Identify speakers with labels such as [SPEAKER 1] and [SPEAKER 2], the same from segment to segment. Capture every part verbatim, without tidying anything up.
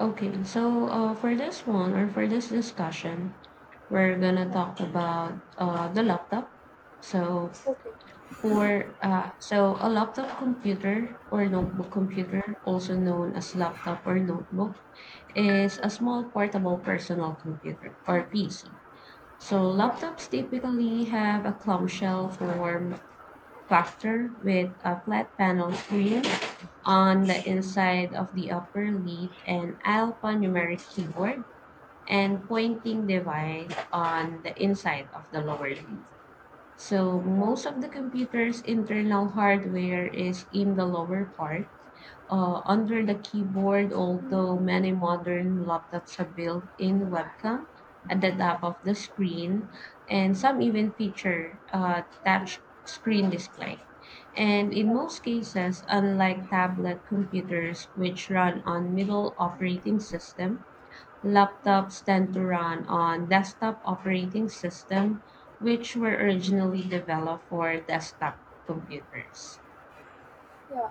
[SPEAKER 1] Okay, so uh, for this one or for this discussion, we're gonna
[SPEAKER 2] Yeah.
[SPEAKER 1] talk about uh, the laptop. So
[SPEAKER 2] Okay.
[SPEAKER 1] for uh, so a laptop computer or notebook computer, also known as laptop or notebook, is
[SPEAKER 2] Yeah.
[SPEAKER 1] a small portable personal computer or
[SPEAKER 2] Mm.
[SPEAKER 1] P C. So
[SPEAKER 2] Yeah.
[SPEAKER 1] laptops typically have a clamshell form factor with a flat panel screen on the inside of the upper lid and alphanumeric keyboard and pointing device on the inside of the lower lid. So
[SPEAKER 2] Yeah.
[SPEAKER 1] most of the computer's internal hardware is in the lower part uh, under the keyboard,
[SPEAKER 2] Mm.
[SPEAKER 1] although many modern laptops have built-in webcam at the
[SPEAKER 2] Yeah.
[SPEAKER 1] top of the screen, and some
[SPEAKER 2] Mm.
[SPEAKER 1] even feature a touch screen display. And in
[SPEAKER 2] Yeah.
[SPEAKER 1] most cases, unlike tablet computers, which run on middle operating system,
[SPEAKER 2] Mm.
[SPEAKER 1] laptops tend to run on desktop operating system, which were originally developed for desktop computers.
[SPEAKER 2] Yeah.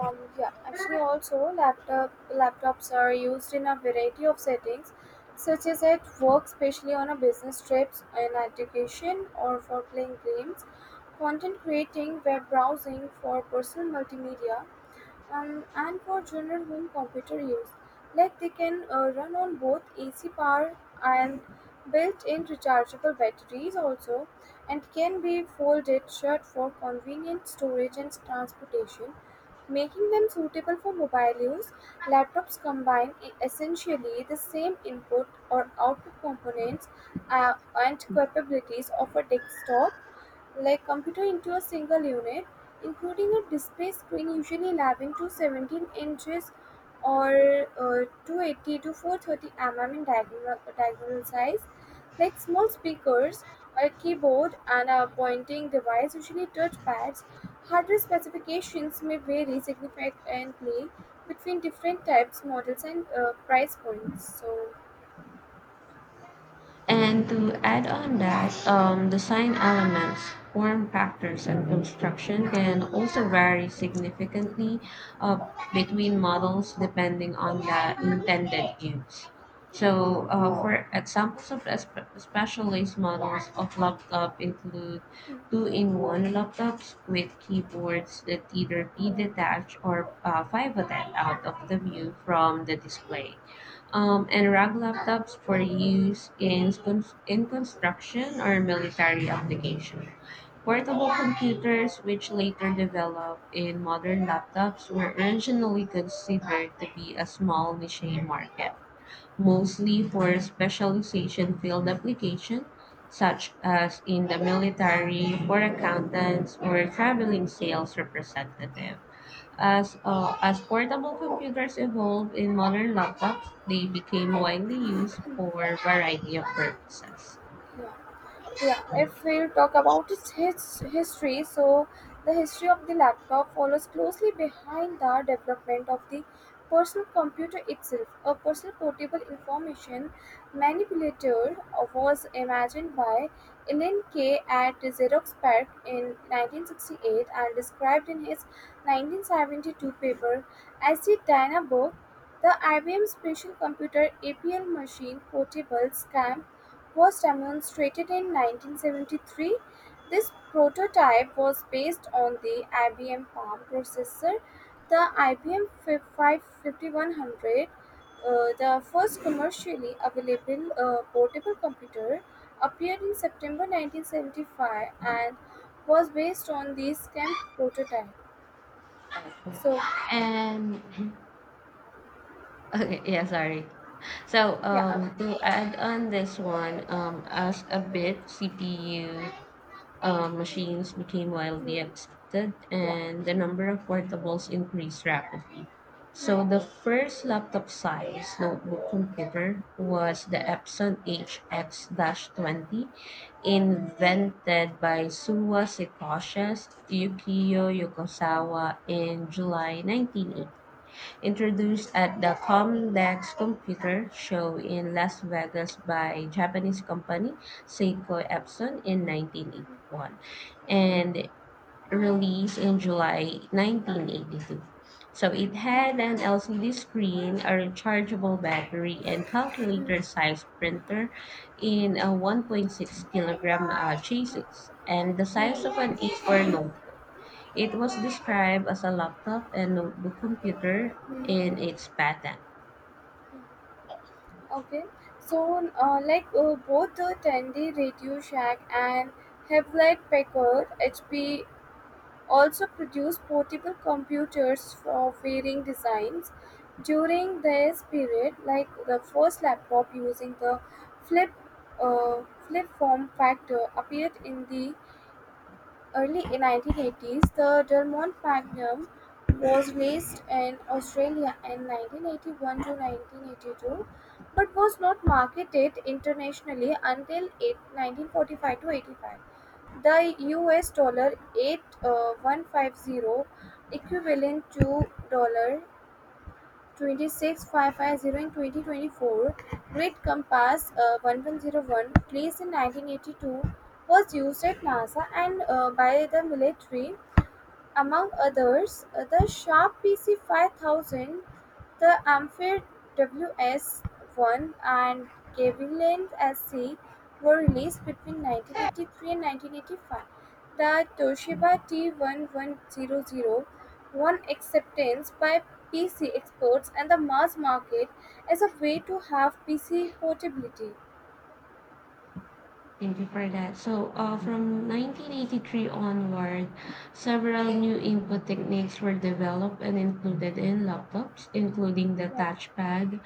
[SPEAKER 2] Um. Yeah. Actually, also laptop laptops are used in a variety of settings, such as at work, especially on a business trips, in education, or for playing games, content creating, web browsing, for personal multimedia, um, and for general home computer use. Like they can uh, run on both A C power and built-in rechargeable batteries also, and can be folded shut for convenient storage and transportation, making them suitable for mobile use. Laptops combine e- essentially the same input or output components uh, and capabilities of a desktop like computer into a single unit, including a display screen usually eleven to seventeen inches or uh, two hundred eighty to four hundred thirty millimeters in diagonal, diagonal size. Like small speakers, a keyboard, and a pointing device, usually touch pads, hardware specifications may vary significantly between different types, models, and uh, price points. So,
[SPEAKER 1] And to add on that, um, design elements, form factors,
[SPEAKER 2] yeah.
[SPEAKER 1] and construction can also vary significantly uh, between models depending on the
[SPEAKER 2] Mm-hmm.
[SPEAKER 1] intended use.
[SPEAKER 2] Yeah,
[SPEAKER 1] So, uh, for examples of espe- specialized models of laptop include two-in-one laptops with keyboards that either be
[SPEAKER 2] yeah.
[SPEAKER 1] detached or uh, pivoted out of the view from the display, um, and RAG laptops for use in, cons- in construction or military application. Portable computers, which later developed in modern laptops, were originally considered to be a small niche market, mostly for specialization field
[SPEAKER 2] Mm-hmm.
[SPEAKER 1] application, such as in the military, for accountants, or traveling sales representative. As, uh, as portable computers evolved in modern laptops, they became widely used for a variety of purposes.
[SPEAKER 2] Yeah. Yeah, if we'll talk about its his history, so the history of the laptop follows closely behind the development of the personal computer itself. A personal portable information manipulator was imagined by Ellen Kay at Xerox PARC in nineteen sixty-eight and described in his nineteen seventy-two paper as the Dynabook. The I B M Special Computer A P L Machine Portable SCAM was demonstrated in nineteen seventy-three. This prototype was based on the I B M Palm processor. The I B M fi- five five fifty-one hundred, uh, the first commercially available uh, portable computer, appeared in September nineteen seventy-five and was based on the STEM prototype.
[SPEAKER 1] Okay.
[SPEAKER 2] So,
[SPEAKER 1] And Okay, yeah, sorry. So,
[SPEAKER 2] yeah, uh,
[SPEAKER 1] um, to add on this one, um, as a bit C P U uh, machines became widely
[SPEAKER 2] mm,
[SPEAKER 1] accepted
[SPEAKER 2] yeah,
[SPEAKER 1] and the
[SPEAKER 2] mm,
[SPEAKER 1] number of portables increased rapidly.
[SPEAKER 2] mm,
[SPEAKER 1] So the first laptop-sized notebook computer was the
[SPEAKER 2] yeah,
[SPEAKER 1] Epson H X twenty, invented by Suwa Sekoshes, Yukio Yokosawa in July nineteen eighty, introduced
[SPEAKER 2] okay,
[SPEAKER 1] at the Comdex Computer Show in Las Vegas by Japanese company Seiko Epson in nineteen eighty-one,
[SPEAKER 2] okay,
[SPEAKER 1] and released in July nineteen eighty-two. So it
[SPEAKER 2] mm,
[SPEAKER 1] had an L C D screen, a rechargeable battery, and
[SPEAKER 2] mm,
[SPEAKER 1] calculator sized printer in a one point six kilogram uh, chassis and the size of
[SPEAKER 2] mm.
[SPEAKER 1] an A four notebook. It was described as a laptop and notebook computer in its patent.
[SPEAKER 2] Okay, so uh, like uh, both the Tandy Radio Shack and Hewlett Packard H P also produced portable computers for varying designs during this period. Like the first laptop using the flip uh, flip form factor appeared in the early in nineteen eighties, the Delmont Magnum was raced in Australia in nineteen eighty-one to nineteen eighty-two, but was not marketed internationally until eight- nineteen forty-five to eighty-five. The U S dollar eight one five zero equivalent to dollar twenty-six five five zero in twenty twenty-four. Great Compass uh, one one zero one, released in nineteen eighty-two, was used at NASA and uh, by the military among others. The Sharp PC five thousand, the Ampere Ws one, and Gavilan Sc were released between nineteen eighty-three and nineteen eighty-five. The Toshiba T one one zero zero won acceptance by P C experts and the mass market as a way to have P C portability.
[SPEAKER 1] Thank you for that. So, uh, from nineteen eighty-three onward, several new input techniques were developed and included in laptops, including the
[SPEAKER 2] Yeah,
[SPEAKER 1] touchpad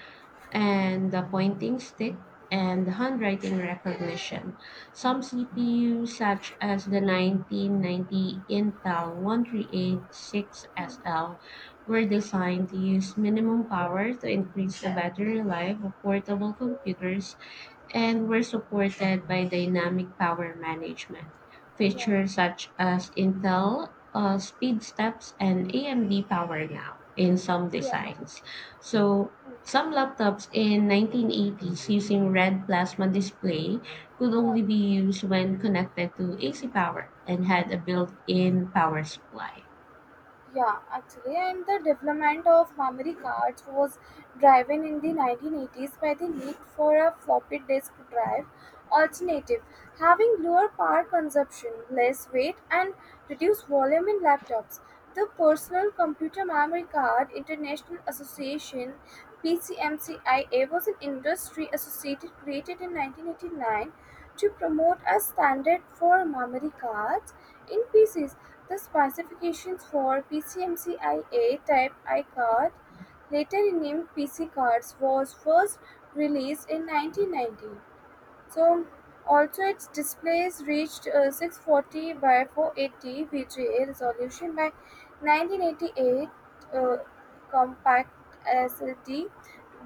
[SPEAKER 1] and the pointing stick and handwriting recognition. Some C P Us, such as the nineteen ninety Intel one three eight six S L, were designed to use minimum power to increase the battery life of portable computers and were supported by dynamic power management
[SPEAKER 2] yeah,
[SPEAKER 1] features such as Intel uh, Speed Steps and A M D PowerNow in some
[SPEAKER 2] yeah,
[SPEAKER 1] designs. So
[SPEAKER 2] mm,
[SPEAKER 1] some laptops in nineteen eighties using red plasma display could
[SPEAKER 2] yeah.
[SPEAKER 1] only be used when connected to A C power and had a built-in power supply.
[SPEAKER 2] Yeah, actually, and the development of memory cards was driven in the nineteen eighties by the need for a floppy disk drive alternative, having lower power consumption, less weight, and reduced volume in laptops. The Personal Computer Memory Card International Association (PCMCIA) was an industry associated created in nineteen eighty-nine to promote a standard for memory cards in pieces. The specifications for PCMCIA Type I card, later renamed P C cards, was first released in nineteen ninety. So also its displays reached uh, six forty by four eighty V G A resolution by nineteen eighty-eight, uh, compact L C D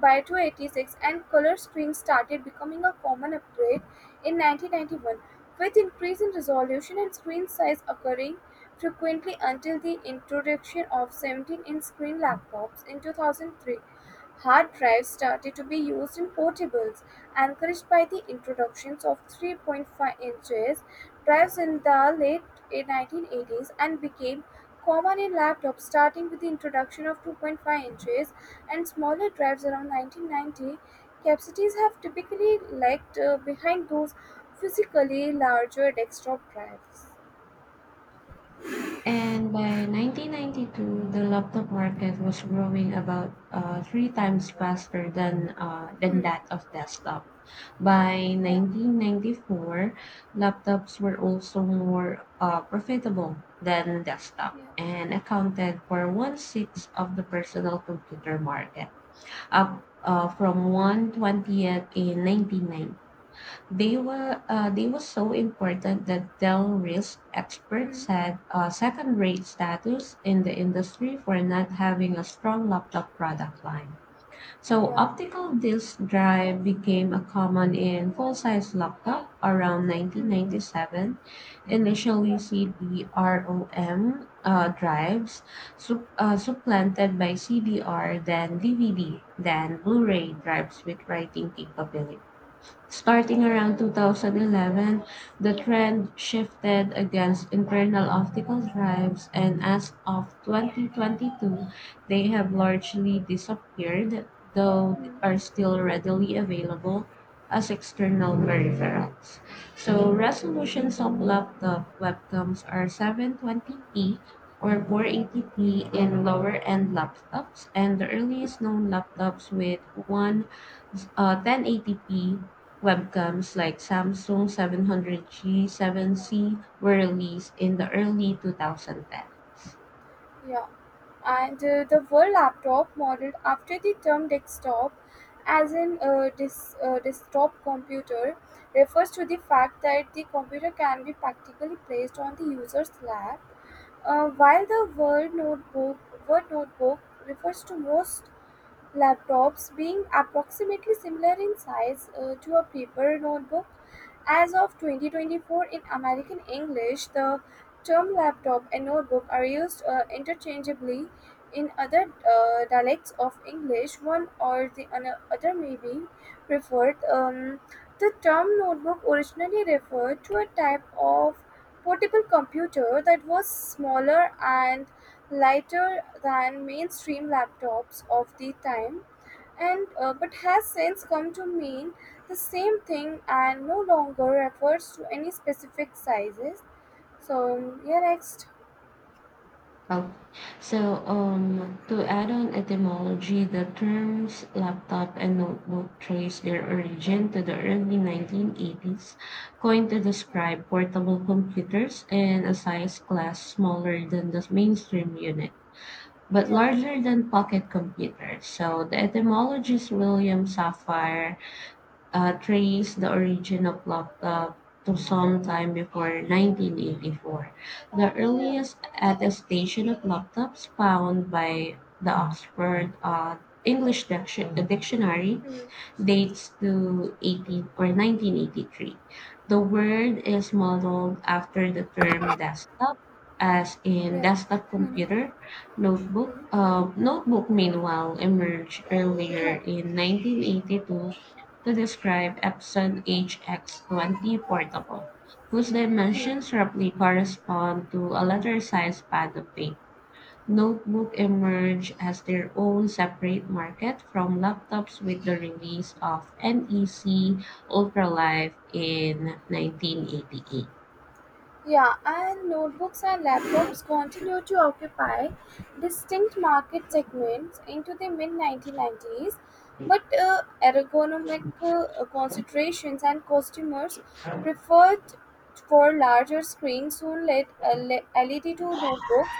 [SPEAKER 2] by two eighty-six, and color screens started becoming a common upgrade in nineteen ninety-one, with increase in resolution and screen size occurring frequently until the introduction of seventeen-inch screen laptops in two thousand three. Hard drives started to be used in portables, encouraged by the introductions of three point five inches drives in the late nineteen eighties and became common in laptops starting with the introduction of two point five inches and smaller drives around nineteen ninety. Capacities have typically lagged uh, behind those physically larger desktop drives.
[SPEAKER 1] And by nineteen ninety-two, the laptop market was growing about uh, three times faster than, uh, than that of desktop. By
[SPEAKER 2] Yeah,
[SPEAKER 1] nineteen ninety-four, laptops were also more uh, profitable than desktop
[SPEAKER 2] yeah,
[SPEAKER 1] and accounted for one sixth of the personal computer market, up uh, from one twentieth in nineteen ninety. They were uh, they were so important that Del Risk
[SPEAKER 2] mm,
[SPEAKER 1] experts
[SPEAKER 2] mm,
[SPEAKER 1] had a second-rate status in the industry for not having a strong laptop product line. So
[SPEAKER 2] yeah,
[SPEAKER 1] optical disk drive became a common in full-size laptop around
[SPEAKER 2] mm,
[SPEAKER 1] nineteen ninety-seven. Initially,
[SPEAKER 2] yeah,
[SPEAKER 1] C D ROM uh, drives sup- uh, supplanted by C D R, then D V D, then Blu-ray drives with writing capability.
[SPEAKER 2] yeah,
[SPEAKER 1] Starting around two thousand eleven, the trend shifted against internal optical drives, and as of twenty twenty-two, they have
[SPEAKER 2] yeah,
[SPEAKER 1] largely disappeared, though
[SPEAKER 2] mm,
[SPEAKER 1] are still readily available as external peripherals. So resolutions of laptop webcams are seven twenty p or
[SPEAKER 2] yeah,
[SPEAKER 1] four eighty p in lower-end laptops, and the
[SPEAKER 2] yeah,
[SPEAKER 1] earliest known laptops with one uh, ten eighty p webcams like Samsung seven hundred G, seven
[SPEAKER 2] yeah.
[SPEAKER 1] C were released in the early twenty tens.
[SPEAKER 2] Yeah. And uh, the World Laptop, modeled after the term desktop as an uh, dis uh, desktop computer, refers to the fact that the computer can be practically placed on the user's lap, uh, while the Word Notebook, Word Notebook refers to most laptops, being approximately similar in size uh, to a paper notebook. As of twenty twenty-four in American English, the term laptop and notebook are used uh, interchangeably. In other uh, dialects of English, one or the ano- other may be preferred. Um, the term notebook originally referred to a type of portable computer that was smaller and lighter than mainstream laptops of the time, and uh, but has since come to mean the same thing and no longer refers to any specific sizes. So yeah, next.
[SPEAKER 1] Oh, so um, to add on etymology, the terms laptop and notebook trace their origin to the early nineteen eighties, coined to
[SPEAKER 2] Yeah,
[SPEAKER 1] describe portable computers in a size class smaller than the mainstream unit, but
[SPEAKER 2] yeah,
[SPEAKER 1] larger than pocket computers. So the etymologist William Safire uh, trace the origin of laptop to some time before nineteen eighty-four. The
[SPEAKER 2] yeah,
[SPEAKER 1] earliest attestation of laptops found by the Oxford uh, English Diction- Dictionary
[SPEAKER 2] mm,
[SPEAKER 1] dates to eighteen or nineteen eighty-three. The word is modeled after the term desktop, as in
[SPEAKER 2] yeah.
[SPEAKER 1] desktop computer. Notebook,
[SPEAKER 2] Hmm,
[SPEAKER 1] uh, notebook meanwhile emerged earlier in
[SPEAKER 2] hmm.
[SPEAKER 1] nineteen eighty-two to describe Epson H X twenty portable, whose
[SPEAKER 2] Mm.
[SPEAKER 1] dimensions roughly correspond to a letter-sized pad of paper. Notebook emerged as their own separate market from laptops with the release of N E C Ultralive in nineteen eighty-eight.
[SPEAKER 2] Yeah, and notebooks and laptops continued to occupy distinct market segments into the mid nineteen nineties, but uh, ergonomic uh, considerations and customers preferred for larger screens soon led a L E D to notebooks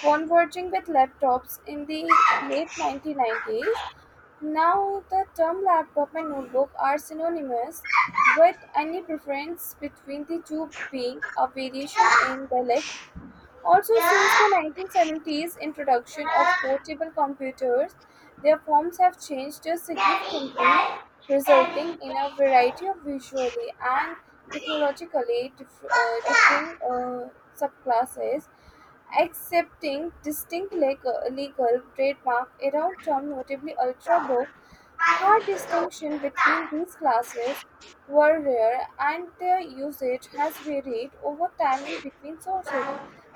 [SPEAKER 2] converging with laptops in the late nineteen nineties. Now the term laptop and notebook are synonymous, with any preference between the two being a variation in dialect. Also, since the nineteen seventies introduction of portable computers, their forms have changed significantly, resulting in a variety of visually and technologically dif- uh, differing uh, subclasses accepting distinct legal, legal trademark around term notably ultrabook. Hard distinction between these classes were rare, and their usage has varied over time in between sources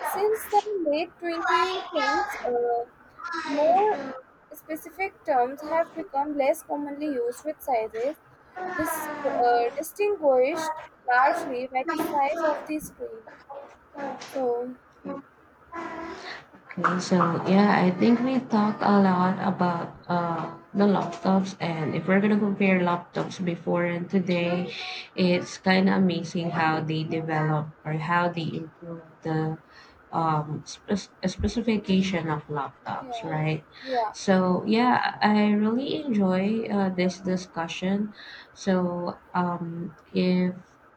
[SPEAKER 2] since the late twenty tens. Uh, more specific terms have become less commonly used, with sizes dis- uh, distinguished largely by the size of the screen. So
[SPEAKER 1] Okay, so yeah, I think we talked a lot about uh, the laptops, and if we're gonna compare laptops before and today, it's kind of amazing how they develop or how they improve the um, spec- specification of laptops,
[SPEAKER 2] yeah,
[SPEAKER 1] right?
[SPEAKER 2] yeah,
[SPEAKER 1] So yeah, I really enjoy uh, this discussion. So um, if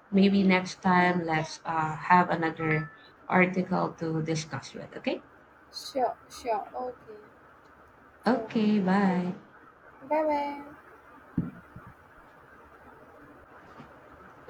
[SPEAKER 1] maybe next time, let's uh, have another article to discuss with. Okay.
[SPEAKER 2] sure, sure. Okay. So,
[SPEAKER 1] Okay,
[SPEAKER 2] thank
[SPEAKER 1] bye.
[SPEAKER 2] you. Bye bye.